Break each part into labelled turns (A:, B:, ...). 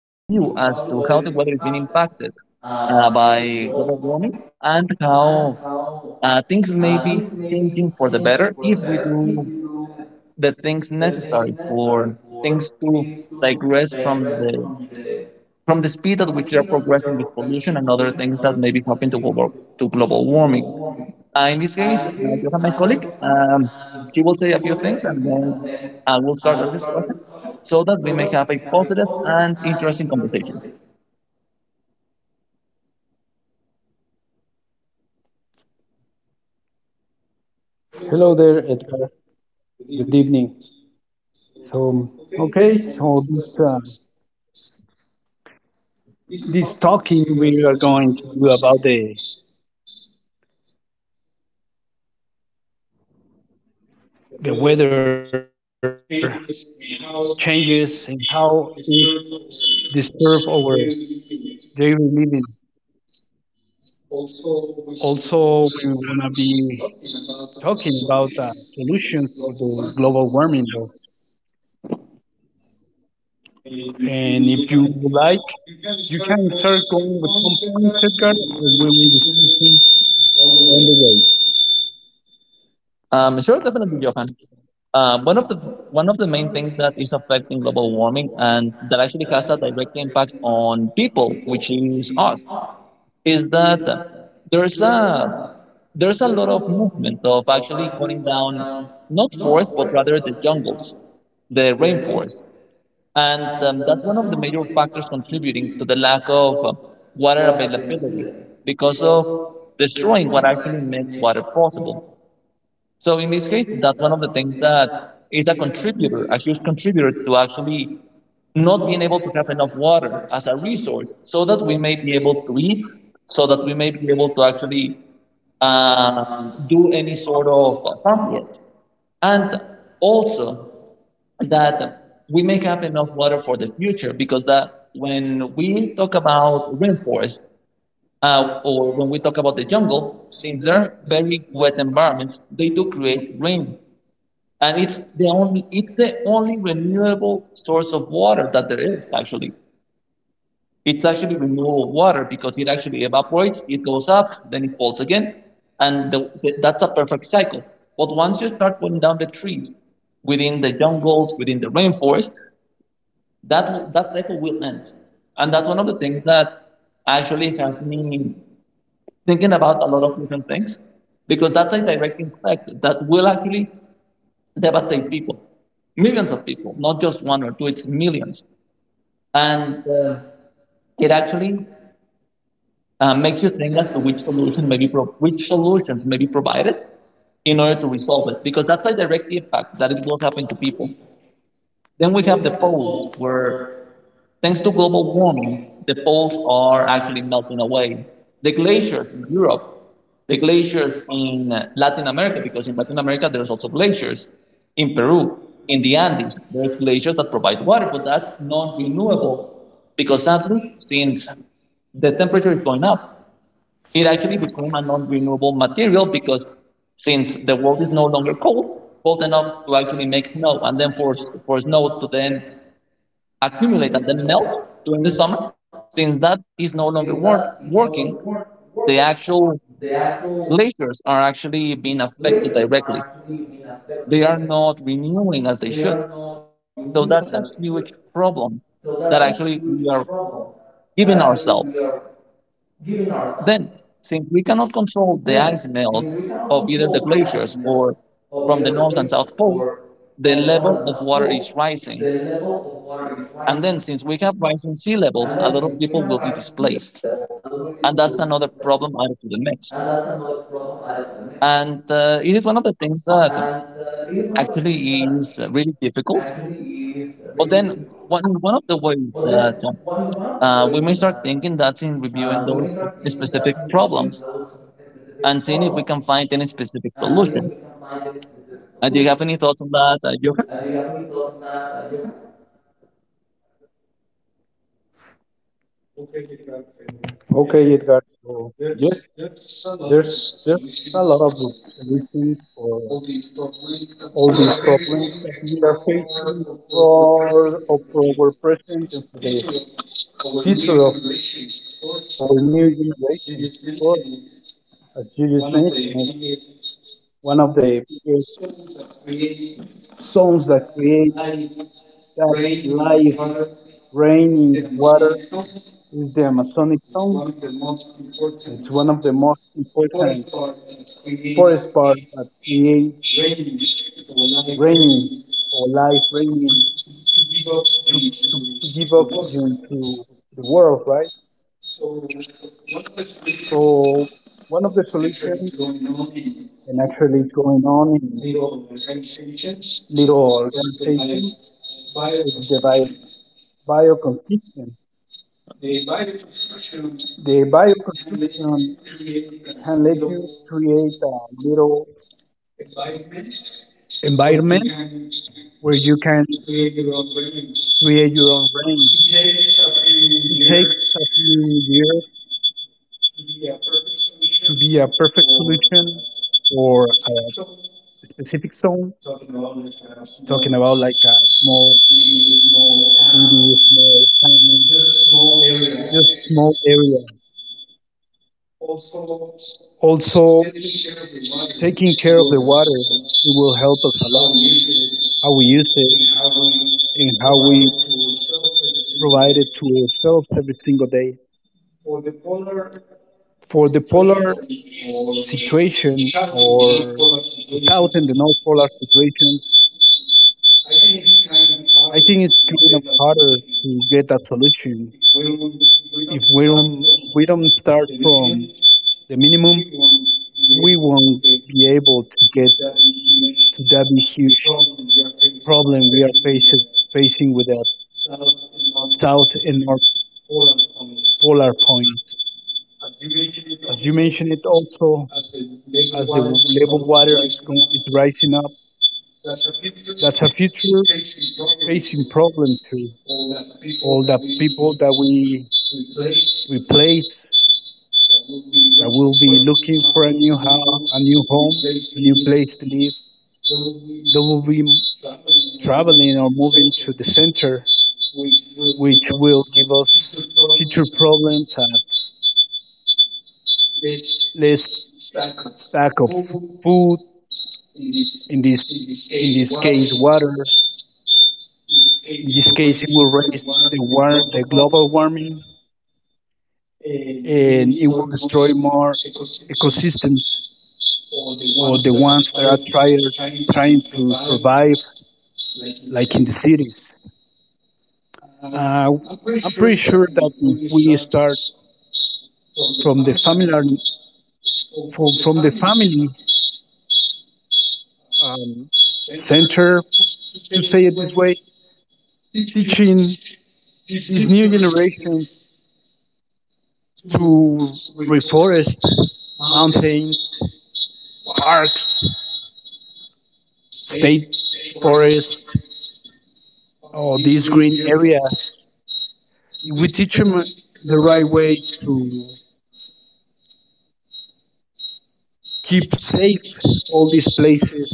A: as to how the weather is being impacted by global warming, and how things may be changing for the better if we do the things necessary for things to digress from the speed at which they are progressing with pollution and other things that may be happening to global warming. In this case, you have my colleague. He will say a few things, and then we'll start our discussion so that we may have a positive and interesting conversation.
B: Hello there, Edgar. Good evening. So, okay, so, this this talking we are going to do about the weather changes and how it disturbs our daily living. Also, we're gonna be talking about solutions for the global warming. Though. And if you would like, you can start going with some points, Edgar, and we will discuss them on the way.
A: Sure, definitely, Johan. Uh, one of the one of the main things that is affecting global warming and that actually has a direct impact on people, which is us, is that there's a there's a lot of movement of actually cutting down not forests but rather the jungles, the rainforests. And that's one of the major factors contributing to the lack of water availability because of destroying what actually makes water possible. So, in this case, that's one of the things that is a contributor, a huge contributor to actually not being able to have enough water as a resource so that we may be able to eat, so that we may be able to actually um, do any sort of farm work. And also, that we may have enough water for the future, because that when we talk about rainforest, or when we talk about the jungle, since they're very wet environments, they do create rain, and it's the only renewable source of water that there is, actually. It's actually renewable water because it actually evaporates, it goes up, then it falls again, and that's a perfect cycle. But once you start putting down the trees within the jungles, within the rainforest, that cycle will end. And that's one of the things that actually has me thinking about a lot of different things, because that's a direct impact that will actually devastate people, millions of people, not just one or two, it's millions. And it actually makes you think as to which solutions may be provided in order to resolve it, because that's a direct impact that it will happen to people. Then we have the polls where thanks to global warming, the poles are actually melting away. The glaciers in Europe, the glaciers in Latin America, because in Latin America there's also glaciers. In Peru, in the Andes, there's glaciers that provide water, but that's non-renewable because sadly, since the temperature is going up, it actually became a non-renewable material. Because since the world is no longer cold, cold enough to actually make snow, and then for snow to then accumulate and then melt during the summer. Since that is no longer working, the actual glaciers are actually being affected directly. They are not renewing as they should. So that's a huge problem that actually we are giving ourselves. Then, since we cannot control the ice melt of either the glaciers or from the north and south poles, the level of water is rising. And then, since we have rising sea levels, a lot of people will be displaced, and that's another problem added to the mix. And it is one of the things that actually is really difficult. But then one of the ways that we may start thinking, that's in reviewing those specific problems and seeing if we can find any specific solution. Do you have any thoughts on that, Johan?
B: Okay, Edgar. So, yes, there's a lot of solutions for all these problems that we are facing for of our present and for the future of our new generation. Of course, as you just mentioned, one of the biggest zones that create that life, rain, water is the Amazonic zone. It's one of the most important forest parts that create raining or life raining to, to give oxygen to the world, right? So one of the solutions, and actually it's going on in little organizations, is the bioconstruction. The bioconstruction can let you create a little environment where you can create your own brain. It takes a few years to be a perfect solution for a specific zone, talking about like a small city, small town, just small area. Also, taking care of the water, it will help us a lot. How we use it and how we provide it to ourselves every single day. For the polar situation or the south and the north polar situations, I think it's kind of harder to get a solution. If we don't start from the minimum, we won't be able to get to that big, huge problem we are facing with the south and north polar points. As you mentioned it also, as the level water is, going, is rising up, that's a future facing problem too. All the people that we replace that will be looking for a new house, a new home, a new place to live. They will be traveling or moving to the center, which will give us future problems as less stack of food in this case water. In this case, it will raise the war, the global warming, and it will destroy more ecosystems or the ones that are trying to survive, like in the cities. Uh, I'm pretty sure that if we start from the family from the family um, center, to say it this way, teaching these new generations to reforest mountains, parks, state forests, oh, these green areas. We teach them the right way to keep safe all these places,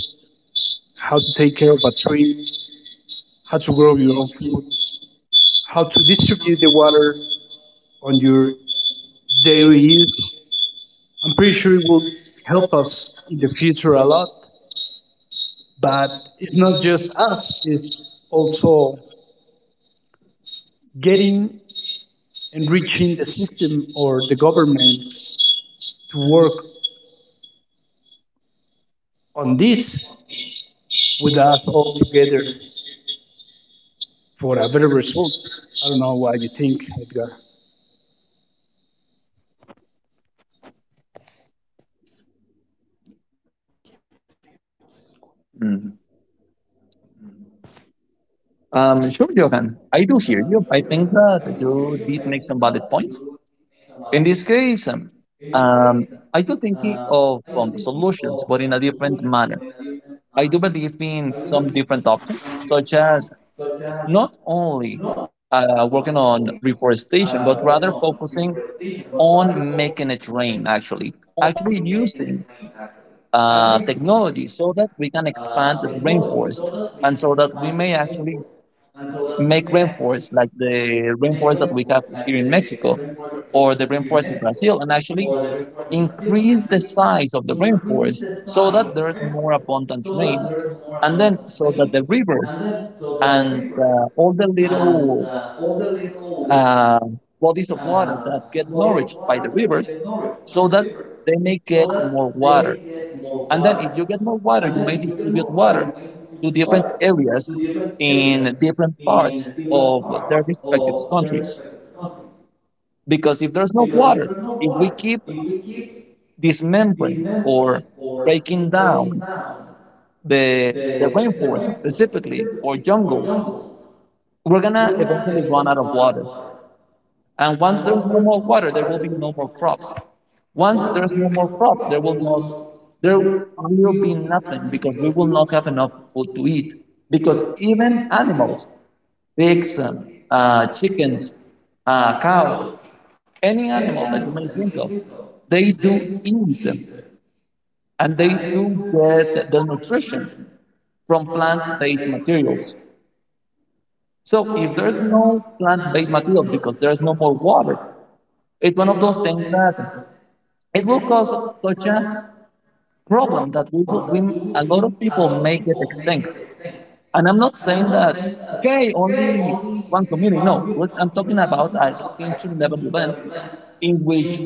B: how to take care of a tree, how to grow your own food, how to distribute the water on your daily use. I'm pretty sure it will help us in the future a lot, but it's not just us, it's also getting and reaching the system or the government to work on this with us all together, for a better result. I don't know what you think, Edgar.
A: Mm. Sure, Johan. I do hear you. I think that you did make some valid points. In this case, um, I do think of solutions, but in a different manner. I do believe in some different options, such as not only working on reforestation, but rather focusing on making it rain, actually, actually using technology so that we can expand the rainforest, and so that we may actually make rainforest like the rainforest that we have here in Mexico, or the rainforest in Brazil, and actually increase the size of the rainforest so that there's more abundant rain, and then so that the rivers and all the little uh, bodies of water that get nourished by the rivers, so that they may get more water. And then if you get more water, you may distribute water to different areas in different parts of their respective countries. Because if there's no water, if we keep dismembering or breaking down the rainforest specifically or jungles, we're gonna eventually run out of water. And once there's no more water, there will be no more crops. Once there's no more crops, there will be nothing, because we will not have enough food to eat. Because even animals, pigs, chickens, cows, any animal that you may think of, they do eat and they do get their nutrition from plant-based materials. So if there's no plant-based materials because there's no more water, it's one of those things that it will cause such a problem that we, a lot of people make it extinct. And I'm not saying that okay, only one community. No, what I'm talking about are extinction level event in which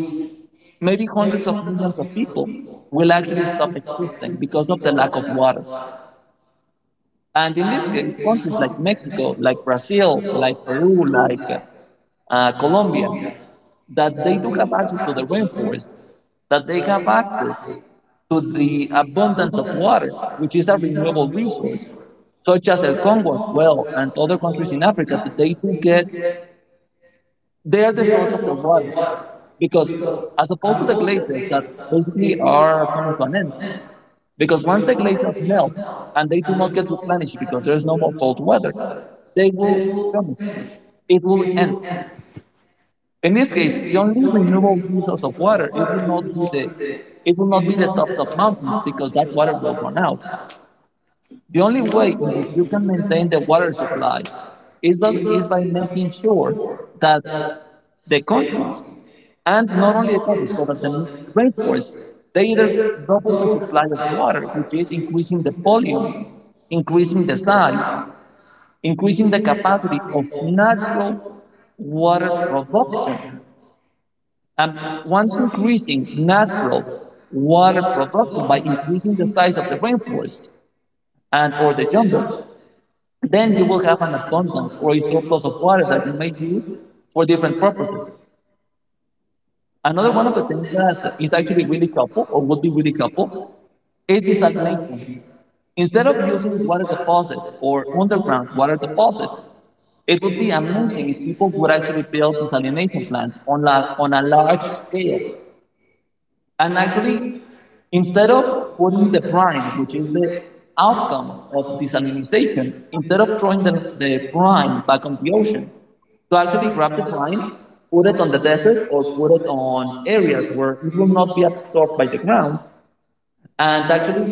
A: maybe hundreds of millions of people will actually stop existing because of the lack of water. And in this case, countries like Mexico, like Brazil, like Peru, like Colombia, that they do have access to the rainforest, that they have access to the abundance of water, which is a renewable resource, such as El Congo as well, and other countries in Africa, that they do get, they are the source of the water. Because as opposed to the glaciers that basically are coming to an end, because once the glaciers melt and they do not get replenished because there's no more cold weather, they will finish. It will end. In this case, the only renewable resource of water, it will not be the tops of mountains, because that water will run out. The only way in which you can maintain the water supply is by making sure that the countries, and not only the countries, so that the rainforest, they either double the supply of water, which is increasing the volume, increasing the size, increasing the capacity of natural water production. And once increasing natural water production by increasing the size of the rainforest and or the jungle, then you will have an abundance or a surplus of water that you may use for different purposes. Another one of the things that is actually really helpful, or would be really helpful, is desalination. Instead of using water deposits or underground water deposits, it would be amazing if people would actually build desalination plants on a large scale. And actually, instead of putting the brine, which is the outcome of desalination, instead of throwing the brine back on the ocean, to actually grab the brine, put it on the desert or put it on areas where it will not be absorbed by the ground, and actually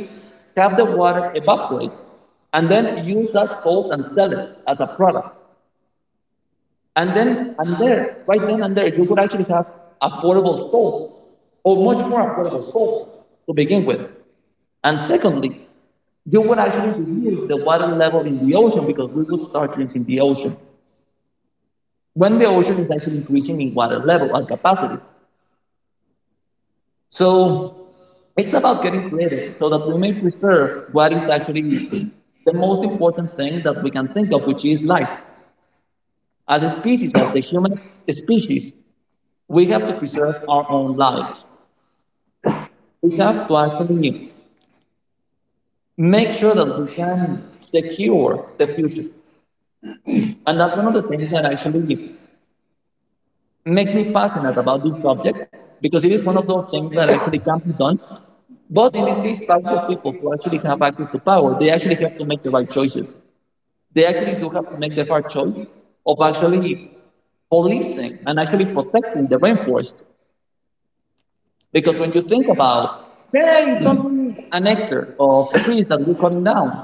A: have the water evaporate and then use that salt and sell it as a product. And then and there, right then and there, you would actually have affordable salt, or much more affordable salt to begin with. And secondly, you would actually reduce the water level in the ocean, because we would start drinking the ocean when the ocean is actually increasing in water level and capacity. So it's about getting creative so that we may preserve what is actually the most important thing that we can think of, which is life. As a species, as the human species, we have to preserve our own lives. We have to actually make sure that we can secure the future. And that's one of the things that actually makes me passionate about this subject, because it is one of those things that actually can be done. But in this case, powerful people who actually have access to power, they actually have to make the right choices. They actually do have to make the hard choice of actually policing and actually protecting the rainforest. Because when you think about, hey, it's only an hectare of trees that we're cutting down.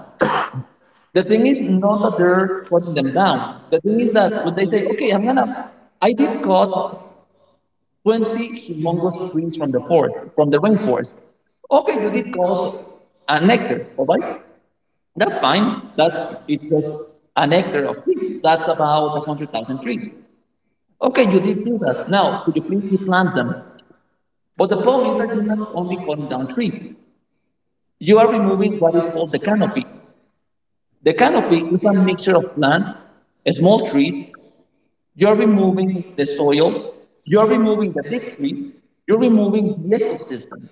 A: The thing is not that they're cutting them down. The thing is that when they say, okay, I did cut 20 humongous trees from the forest, from the rainforest. Okay, you did cut an hectare, all right? That's fine. It's like an hectare of trees. That's about 100,000 trees. Okay, you did do that. Now, could you please replant them? But the problem is that you're not only cutting down trees, you are removing what is called the canopy. The canopy is a mixture of plants, a small trees. You're removing the soil. You're removing the big trees. You're removing the ecosystem.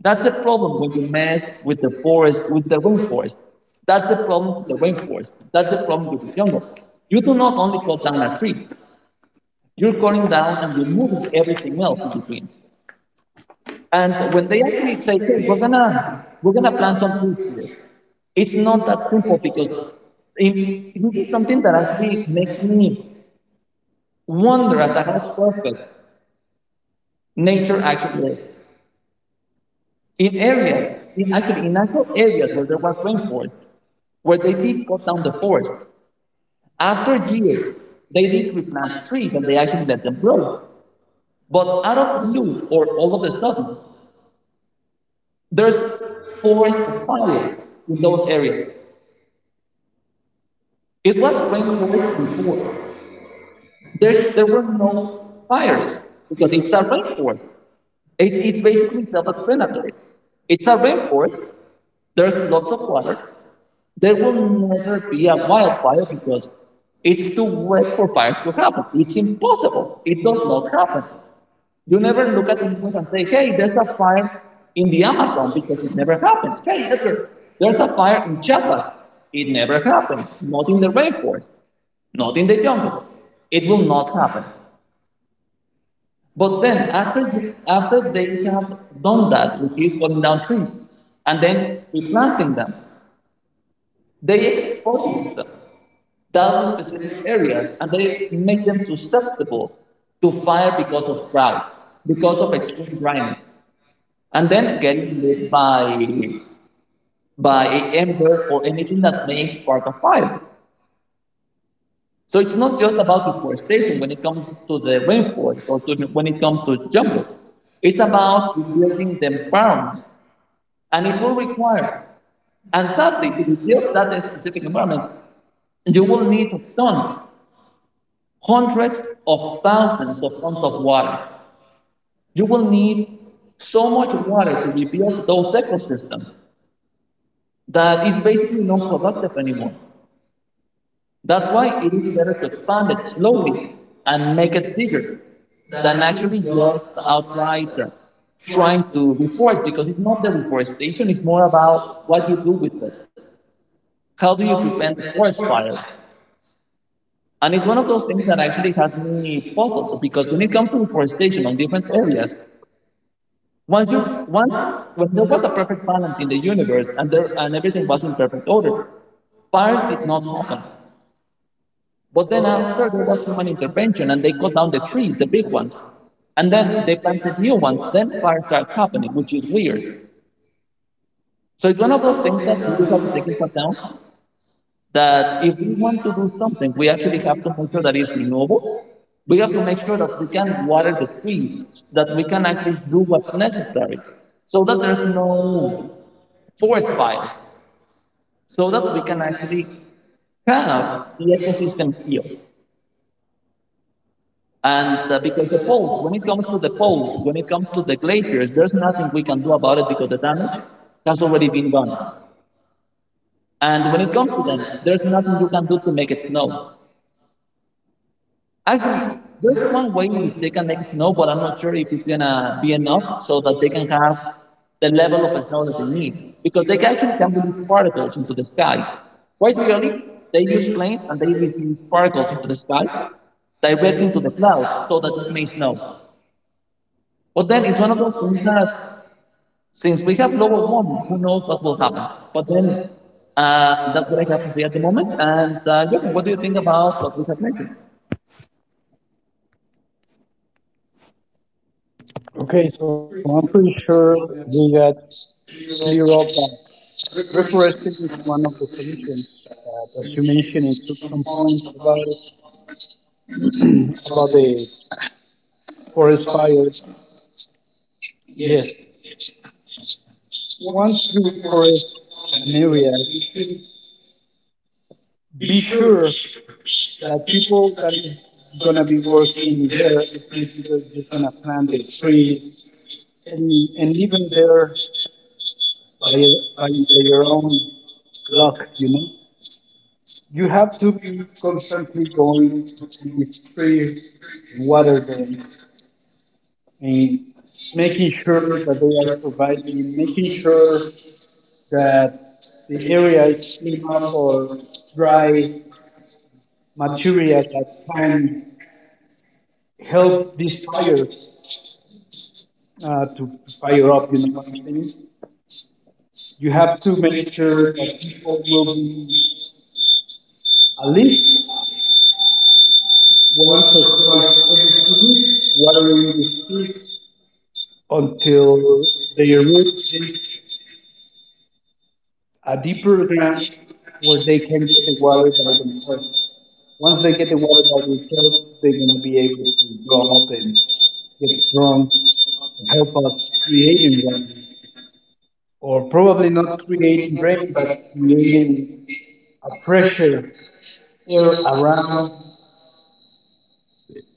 A: That's the problem when you mess with the forest, with the rainforest. That's the problem with the rainforest. That's the problem with the jungle. You do not only cut down a tree, you're cutting down and removing everything else in between. And when they actually say, hey, we're gonna plant some trees here, it's not that simple because it, it is something that actually makes me wonder as to how perfect nature actually is. In areas, in natural areas where there was rainforest, where they did cut down the forest, after years, they did replant trees and they actually let them grow. But out of the blue, or all of a sudden, there's forest fires in those areas. It was rainforest before. There were no fires because it's a rainforest. It's basically self-explanatory. It's a rainforest. There's lots of water. There will never be a wildfire because it's too wet for fires to happen. It's impossible. It does not happen. You never look at the news and say, hey, there's a fire in the Amazon because it never happens. Hey, Edgar, there's a fire in Chiapas. It never happens. Not in the rainforest, not in the jungle. It will not happen. But then after they have done that, which is cutting down trees, and then replanting them, they expose those specific areas and they make them susceptible to fire because of drought, because of extreme dryness, and then getting lit by a ember or anything that may spark a fire. So it's not just about deforestation when it comes to the rainforest when it comes to jungles. It's about rebuilding the environment, and it will require. And sadly, to rebuild that specific environment, you will need tons, hundreds of thousands of tons of water. You will need so much water to rebuild those ecosystems that is basically non-productive anymore. That's why it is better to expand it slowly and make it bigger than actually just outright trying to reforest because it's not the reforestation, it's more about what you do with it. How do you prevent forest fires? And it's one of those things that actually has me puzzled because when it comes to reforestation on different areas, once when there was a perfect balance in the universe and everything was in perfect order, fires did not happen. But then after there was human intervention and they cut down the trees, the big ones, and then they planted new ones, then fire starts happening, which is weird. So it's one of those things that we do have to take into account that if we want to do something, we actually have to make sure that it's renewable. We have to make sure that we can water the trees, that we can actually do what's necessary so that there's no forest fires so that we can actually have the ecosystem here. And because the poles, when it comes to the poles, when it comes to the glaciers, there's nothing we can do about it because the damage has already been done. And when it comes to them, there's nothing you can do to make it snow. Actually, there's one way in which they can make it snow, but I'm not sure if it's gonna be enough so that they can have the level of snow that they need because they actually can release particles into the sky. Quite literally, they use planes and they release particles into the sky directly into the clouds so that it may snow. But then it's one of those things that since we have global warming, who knows what will happen? But then that's what I have to say at the moment. And Jordan, what do you think about what we have mentioned?
B: Okay, so I'm pretty sure we got clear up that reforestation is one of the solutions. But as you mentioned, it took some points about it, about the forest fires. Yes, once you reforest an area, be sure that people that is gonna be working there is not because just gonna plant a tree and leave them there by by their own luck, you know. You have to be constantly going to these trees and water them and making sure that they are surviving, making sure that the area is clean up or dry material that can help this fire to fire up, you know what I'm saying? You have to make sure that people will be at least 1 or 2 times a week watering the seeds until their roots reach a deep program where they can get the water by themselves. Once they get the water by themselves, they're going to be able to grow up and get strong and help us creating rain. Or probably not creating rain, but creating a pressure air around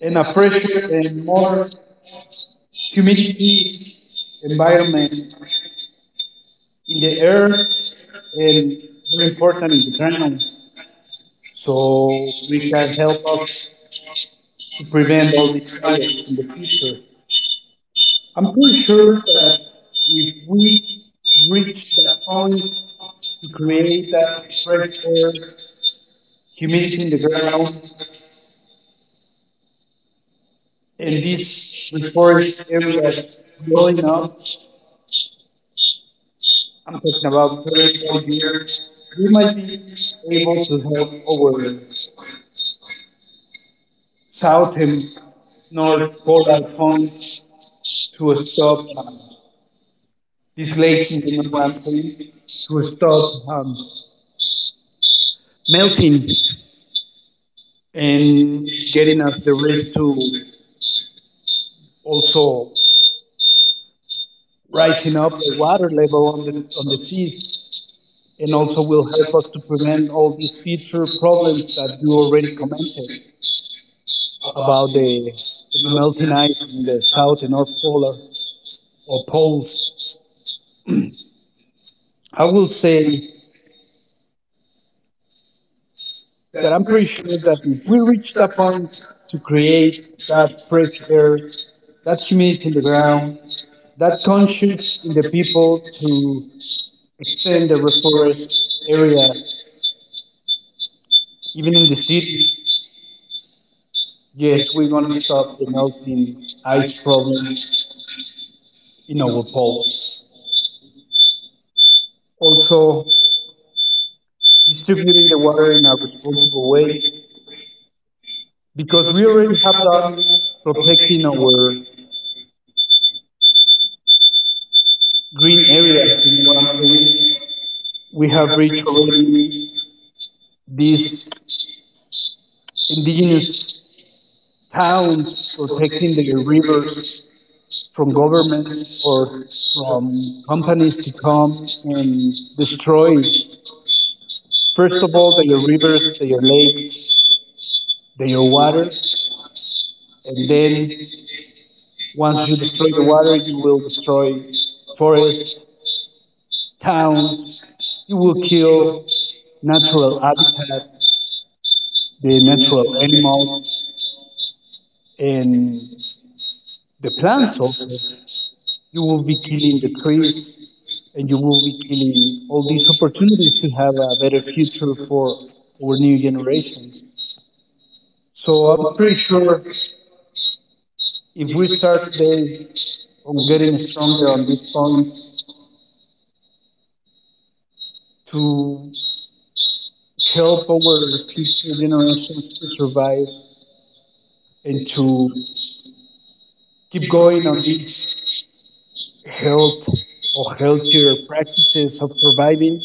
B: and a pressure and more humidity environment in the air and very important in the ground. So we can help us to prevent all these fires in the future. I'm pretty sure that if we reach that point to create that fresh air, humidity in the ground, and these reforest areas growing up, I'm talking about 30, 40 years, we might be able to help our south and north polar points to stop this glazing, you know what I'm saying? To stop um, melting and getting us the risk to also rising up the water level on the sea and also will help us to prevent all these future problems that you already commented about the melting ice in the south and north polar or poles. I will say that I'm pretty sure that if we reach that point to create that fresh air, that humidity in the ground, that conscious in the people to extend the reforest areas, even in the street. Yes, we're going to stop the melting ice problem in our pole. Also, distributing the water in a responsible way because we already have done protecting our green areas. You know what I'm saying? We have reached already these indigenous towns protecting their rivers from governments or from companies to come and destroy, first of all, their rivers, their lakes, their water. And then once you destroy the water you will destroy forests, towns, you will kill natural habitat, the natural animals, and the plants also. You will be killing the trees and you will be killing all these opportunities to have a better future for our new generations. So I'm pretty sure if we start today on getting stronger on this point to help our future generations to survive and to keep going on these health or healthier practices of surviving,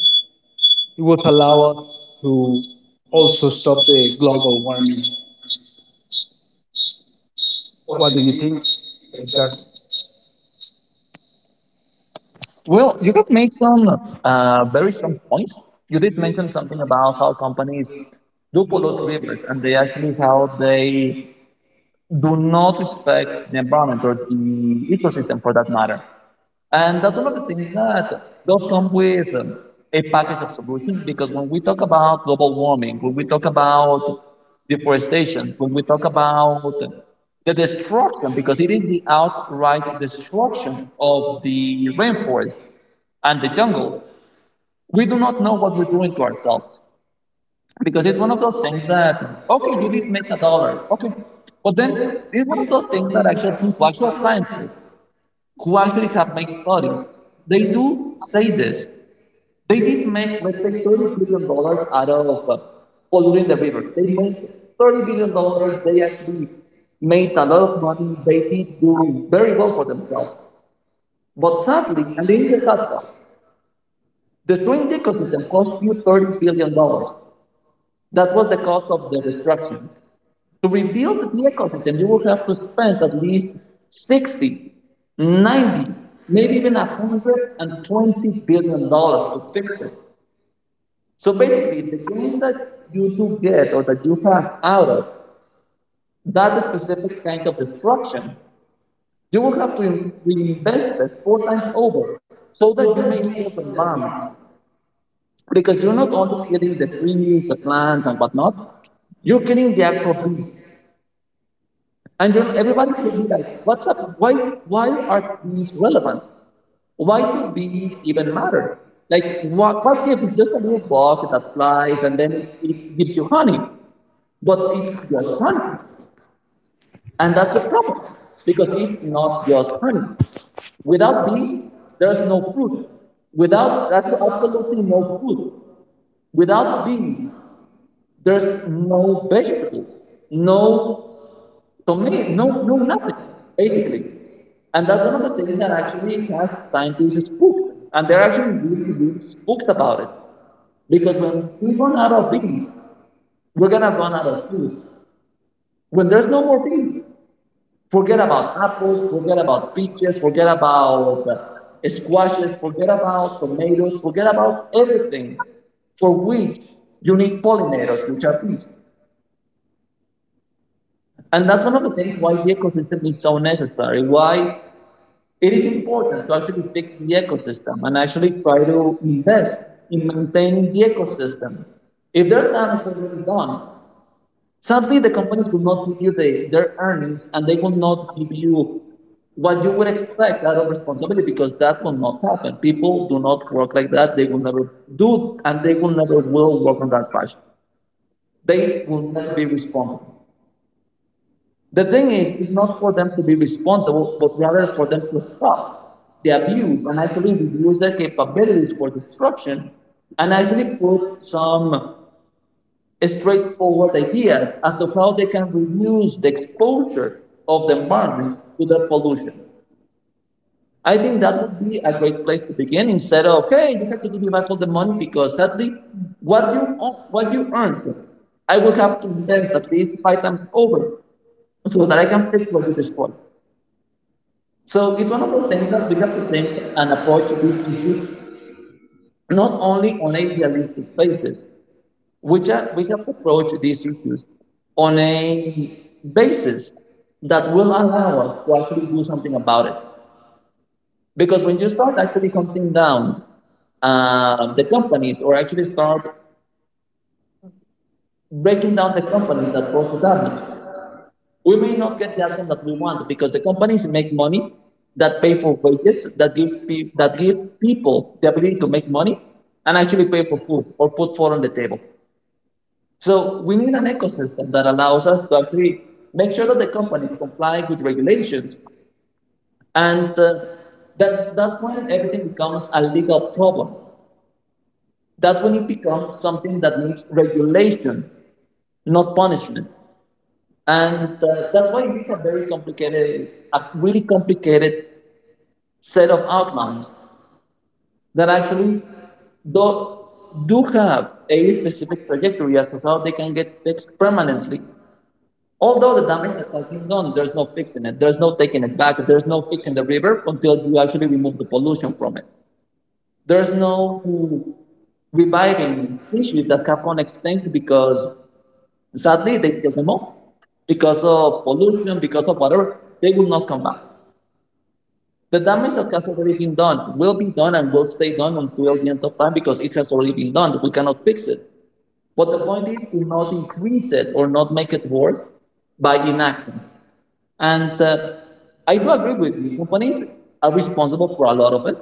B: it would allow us to also stop the global warming. What do you think, Edgar?
A: Well, you have made some very strong points. You did mention something about how companies do pollute rivers and they actually how they do not respect the environment or the ecosystem for that matter. And that's one of the things that does come with a package of solutions because when we talk about global warming, when we talk about deforestation, when we talk about the destruction, because it is the outright destruction of the rainforest and the jungles, we do not know what we're doing to ourselves. Because it's one of those things that, okay, you did make a dollar. Okay. But then it's one of those things that actual people, actual scientists who actually have made studies, they do say this. They did make, let's say, $30 billion dollars out of polluting the river. They made $30 billion dollars. They actually made a lot of money. They did do very well for themselves. But sadly, and this is the sad part, destroying the ecosystem cost you $30 billion dollars. That was the cost of the destruction. To rebuild the ecosystem, you will have to spend at least 60, 90, maybe even $120 billion dollars to fix it. So basically, the gains that you do get or that you have out of that specific kind of destruction, you will have to reinvest it 4 times over so that you may heal the environment. Because you're not only killing the trees, the plants, and whatnot, you're killing the actual bee. Everybody should be like, what's up? Why are bees relevant? Why do bees even matter? Like, what gives it? Just a little bug that flies and then it gives you honey. But it's your honey." And that's a problem because it's not just honey. Without bees, there's no fruit. Without that's absolutely no fruit. Without bees, there's no vegetables, no tomato, no nothing, basically. And that's one of the things that actually has scientists spooked. And they're actually really, really spooked about it. Because when we run out of bees, we're gonna run out of food. When there's no more bees, forget about apples, forget about peaches, forget about squashes, forget about tomatoes, forget about everything for which you need pollinators, which are bees. And that's one of the things why the ecosystem is so necessary, why it is important to actually fix the ecosystem and actually try to invest in maintaining the ecosystem. If there's damage already done, sadly, the companies will not give you their earnings and they will not give you what you would expect out of responsibility because that will not happen. People do not work like that. They will never do, and they will never will work on that fashion. They will never be responsible. The thing is, it's not for them to be responsible, but rather for them to stop the abuse and actually reduce their capabilities for destruction and actually put some straightforward ideas as to how they can reduce the exposure of the environments to that pollution. I think that would be a great place to begin instead of okay, you have to give me back all the money because sadly, what you earned, I will have to invest at least 5 times over so that I can fix what you destroyed. So it's one of those things that we have to think and approach these issues not only on a realistic basis, which are, we have to approach these issues on a basis that will allow us to actually do something about it. Because when you start actually counting down the companies or actually start breaking down the companies that cause the damage. We may not get the outcome that we want because the companies make money that pay for wages that gives pe- that give people the ability to make money and actually pay for food or put food on the table. So we need an ecosystem that allows us to actually make sure that the companies comply with regulations and that's when everything becomes a legal problem. That's when it becomes something that needs regulation, not punishment and that's why it is a very complicated, a really complicated set of outlines that actually do, do have a specific trajectory as to how they can get fixed permanently, although the damage that has been done, there's no fixing it, there's no taking it back, there's no fixing the river until you actually remove the pollution from it. There's no reviving species that have gone extinct because sadly they killed them all because of pollution, because of whatever, they will not come back. The damage that has already been done will be done and will stay done until the end of time because it has already been done. We cannot fix it. But the point is to not increase it or not make it worse by inaction. And I do agree with you. Companies are responsible for a lot of it,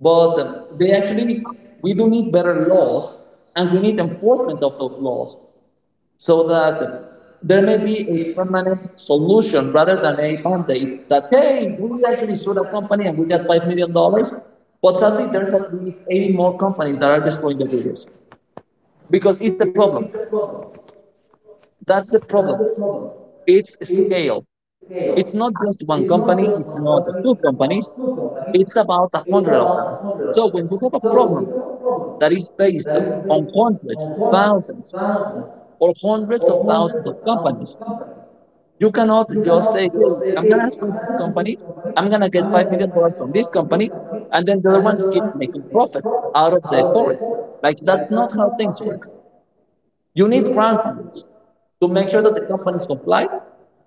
A: but we do need better laws, and we need enforcement of those laws, so that there may be a permanent solution rather than a mandate that, hey, we actually sued a company and we got $5 million dollars. But sadly, there's at least 80 more companies that are destroying the rivers because it's the problem. That's the problem. It's scale. It's not just one company, it's not two companies, it's about a 100 of them. So when you have a problem that is based on hundreds, thousands, or hundreds of thousands of companies, you cannot just say, hey, I'm going to sue this company. I'm going to get $5 million dollars from this company. And then the other ones keep making profit out of the forest. Like, that's not how things work. You need ground rules to make sure that the companies comply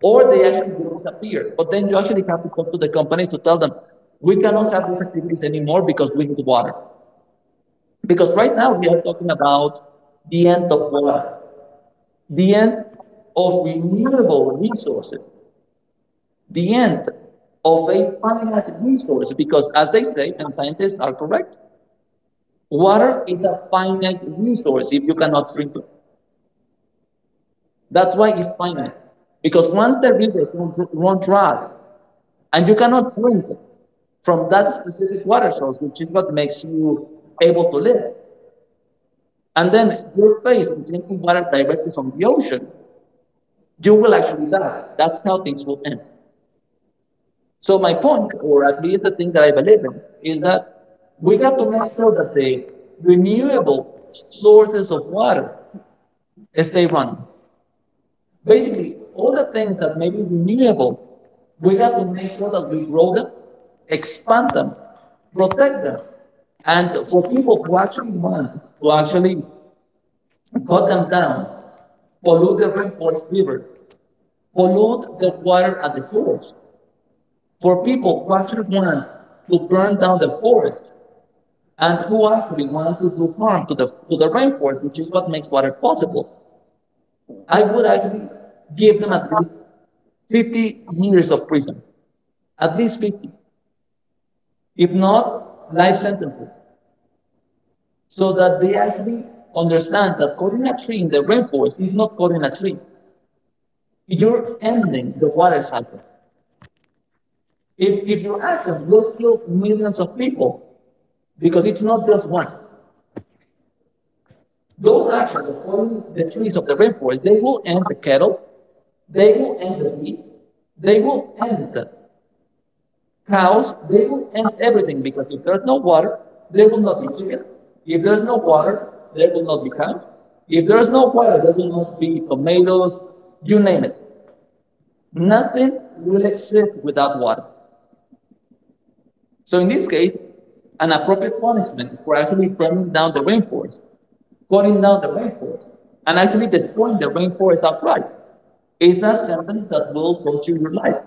A: or they actually disappear. But then you actually have to go to the companies to tell them, we cannot have these activities anymore because we need water. Because right now we are talking about the end of water, the end of renewable resources, the end of a finite resource. Because, as they say, and scientists are correct, water is a finite resource. If you cannot drink it, that's why it's finite. Because once the rivers run dry and you cannot drink it from that specific water source, which is what makes you able to live, and then you're faced with drinking water directly from the ocean, you will actually die. That's how things will end. So my point, or at least the thing that I believe in, is that we have to make sure that the renewable sources of water stay running. Basically, all the things that may be renewable, we have to make sure that we grow them, expand them, protect them. And for people who actually want to actually cut them down, pollute the rainforest rivers, pollute the water at the forest. For people who actually want to burn down the forest and who actually want to do harm to the rainforest, which is what makes water possible, I would actually give them at least 50 years of prison, at least 50, if not life sentences, so that they actually understand that cutting a tree in the rainforest is not cutting a tree. You're ending the water cycle. If your actions will kill millions of people, because it's not just one, those actions of cutting the trees of the rainforest, they will end the cattle, they will end the bees, they will end the cows, they will end everything. Because if there's no water, there will not be chickens. If there's no water, there will not be cows. If there's no water, there will not be tomatoes. You name it, nothing will exist without water. So in this case, an appropriate punishment for actually burning down the rainforest, cutting down the rainforest, and actually destroying the rainforest outright is a sentence that will cost you your life,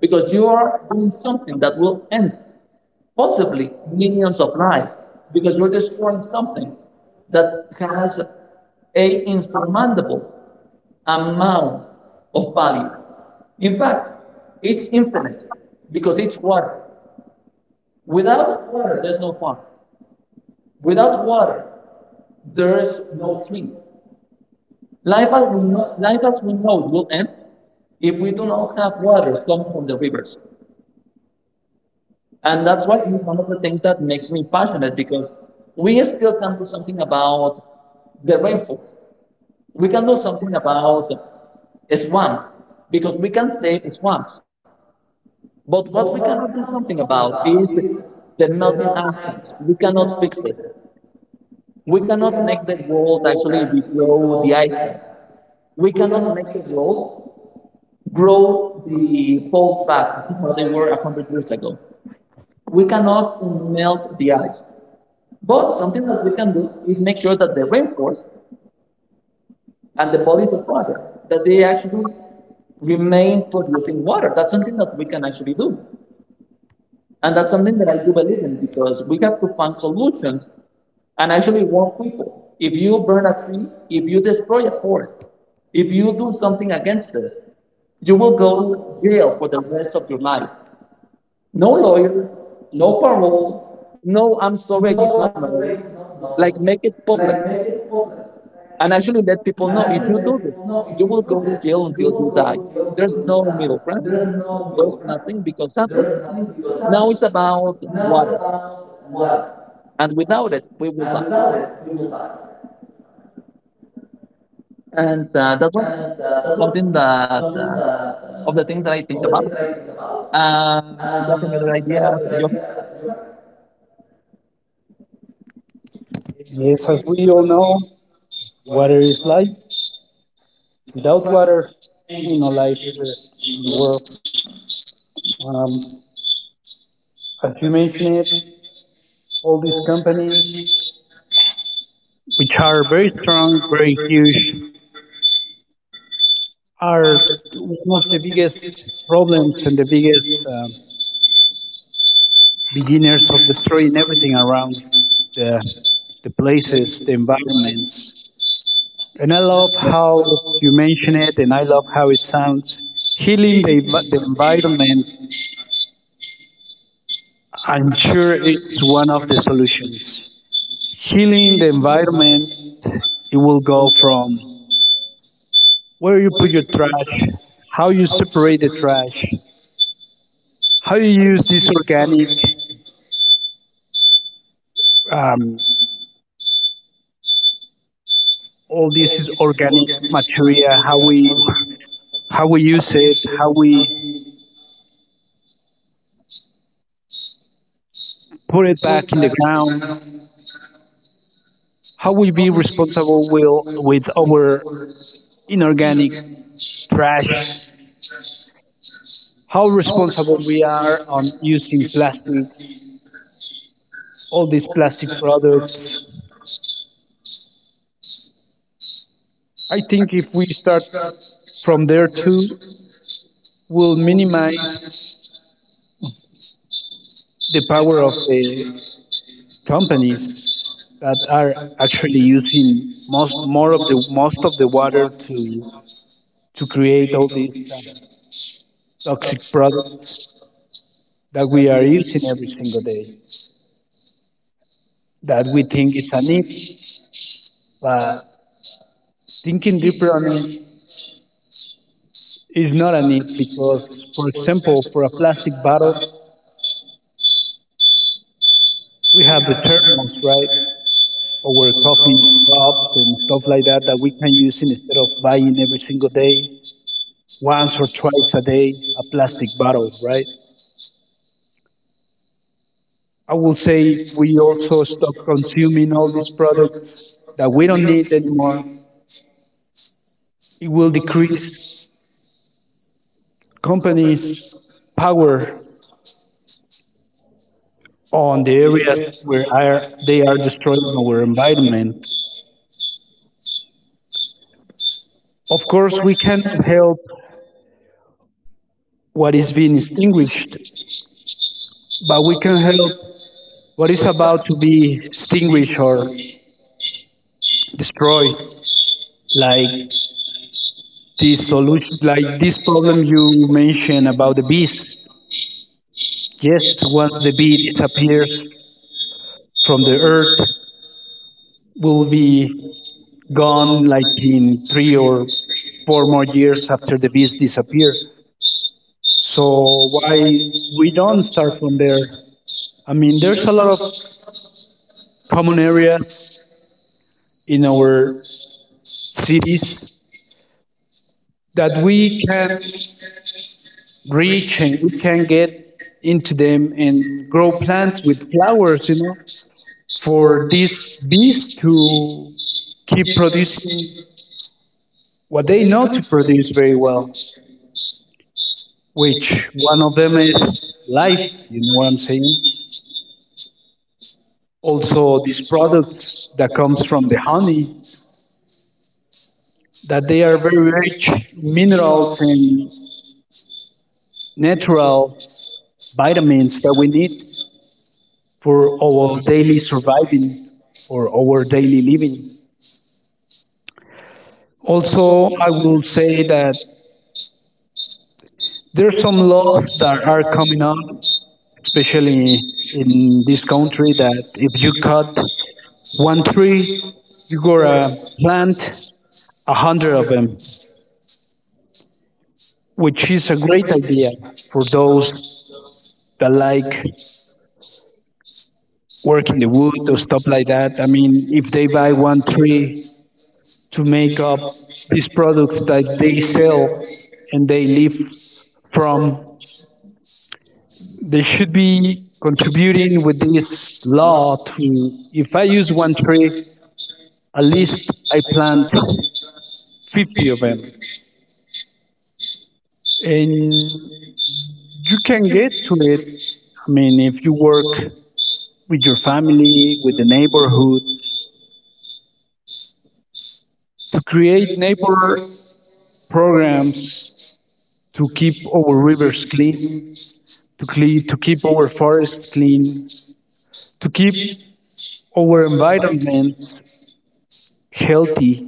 A: because you are doing something that will end possibly millions of lives, because you're destroying something that has a insurmountable amount of value. In fact, it's infinite, because it's water. Without water, there's no farm. Without water, there's no trees. Life as we know it will end if we do not have waters coming from the rivers. And that's why it's one of the things that makes me passionate, because we still can do something about the rainfalls. We can do something about swamps, because we can save swamps. But what we cannot do something about is the melting ice caps. We cannot fix it. We cannot make the world actually regrow the ice caps. We cannot make the world grow the poles back to how they were 100 years ago. We cannot melt the ice. But something that we can do is make sure that the rainforest and the bodies of water, that they actually remain producing water. That's something that we can actually do. And that's something that I do believe in, because we have to find solutions and actually warn people. If you burn a tree, if you destroy a forest, if you do something against this, you will go to jail for the rest of your life. No lawyer, no parole, no, I'm sorry, I did not know. Like, make it public and actually let people know, if you do this, you will go to jail until you die. There's no middle ground, there's nothing, because sadly, now it's about water. And without it, we will die. And that was something that of the things that I think about. You have any other ideas, Johan?
B: Yes, as we all know, water is life. Without water, ain't no life here in the world. Um, as you mentioned, it, all these companies, which are very strong, very huge, are one of the biggest problems and the biggest beginners of destroying everything around the the places, the environments. And I love how you mention it, and I love how it sounds. Healing the environment, I'm sure, is one of the solutions. Healing the environment, it will go from where you put your trash, how you separate the trash, how you use this organic, um, all this is organic material, how we use it, how we put it back in the ground? How we be responsible will with our inorganic trash? How responsible we are on using plastics, all these plastic products? I think if we start from there too, we'll minimize the power of the companies that are actually using most more of the most of the water to create all these toxic products that we are using every single day, that we think is a need, but thinking deeper on it is not a need because, for example, for a plastic bottle, we have the thermos, right? Our coffee cups and stuff like that that we can use instead of buying every single day, once or twice a day, a plastic bottle, right? I will say if we also stop consuming all these products that we don't need anymore, it will decrease companies' power on the areas where are, they are destroying our environment. Of course, we cannot help what is being extinguished, but we can help what is about to be extinguished or destroyed, like this solution, like this problem you mentioned about the bees. Yes, once the bee disappears from the earth, will be gone like in three or four more years after the bees disappear. So why we don't start from there? I mean, there's a lot of common areas in our cities that we can reach and we can get into them and grow plants with flowers, you know, for these bees to keep producing what they know to produce very well, which one of them is life, you know what I'm saying? Also these products that comes from the honey that they are very rich in minerals and natural vitamins that we need for our daily surviving or our daily living. Also, I will say that there's some laws that are coming up, especially in this country, that if you cut one tree, you gotta plant 100 of them, which is a great idea for those that like work in the wood or stuff like that. I mean, if they buy one tree to make up these products that they sell and they live from. They should be contributing with this law to, if I use one tree, at least I plant 50 of them. And you can get to it, I mean, if you work with your family, with the neighborhood, to create neighbor programs to keep our rivers clean, to, clean to keep our forests clean, to keep our environments healthy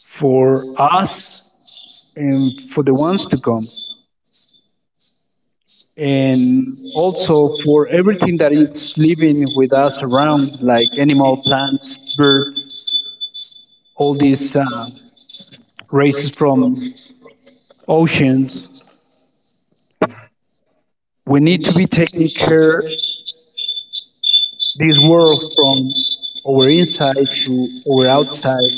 B: for us and for the ones to come, and also for everything that is living with us around, like animal, plants, birds, all these races from oceans. We need to be taking care this world from our inside to our outside,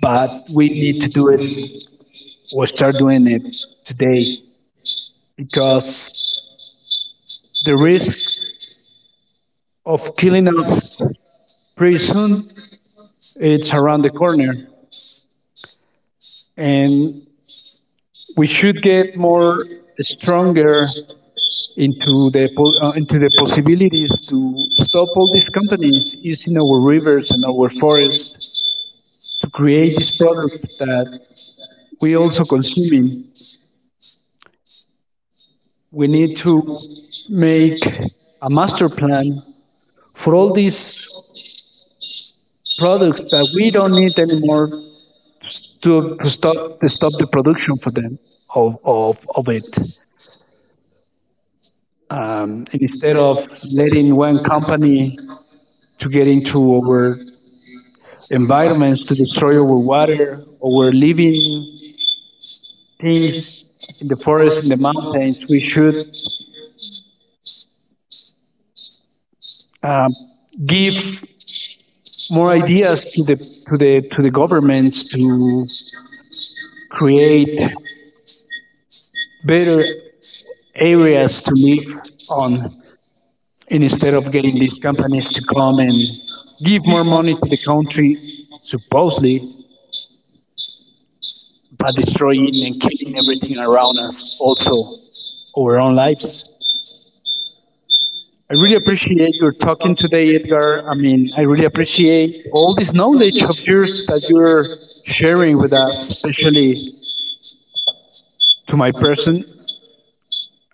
B: but we need to do it or start doing it today because the risk of killing us pretty soon it's around the corner and we should get more stronger into into the possibilities to stop all these companies using our rivers and our forests to create this product that we also consuming. We need to make a master plan for all these products that we don't need anymore to, to stop to stop the production for them of it. Instead of letting one company to get into our environments to destroy our water, our living things in the forest, in the mountains. We should um, give more ideas to the governments to create better areas to live on and instead of getting these companies to come and give more money to the country supposedly but destroying and killing everything around us also our own lives. I really appreciate your talking today, Edgar. I mean, I really appreciate all this knowledge of yours that you're sharing with us, especially to my person.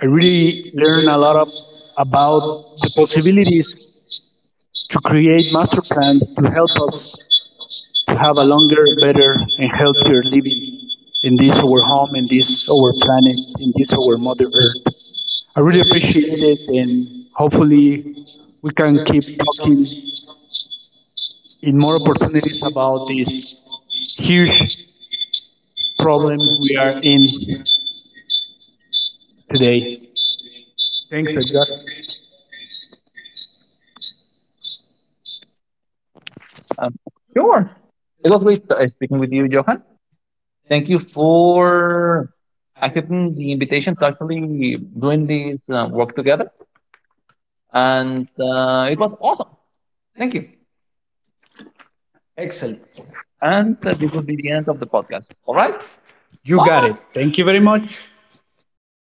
B: I really learn a lot of, about the possibilities to create master plans to help us to have a longer, better, and healthier living in this our home, in this our planet, in this our mother earth. I really appreciate it, and hopefully we can keep talking in more opportunities about this huge problem we are in today. Thanks, Edgar.
A: Um, sure. It was great speaking with you, Johan. Thank you for accepting the invitation to actually doing this work together, and it was awesome. Thank you.
B: Excellent.
A: And this will be the end of the podcast. All right.
B: You got
A: Bye.
B: it. Thank you very much. See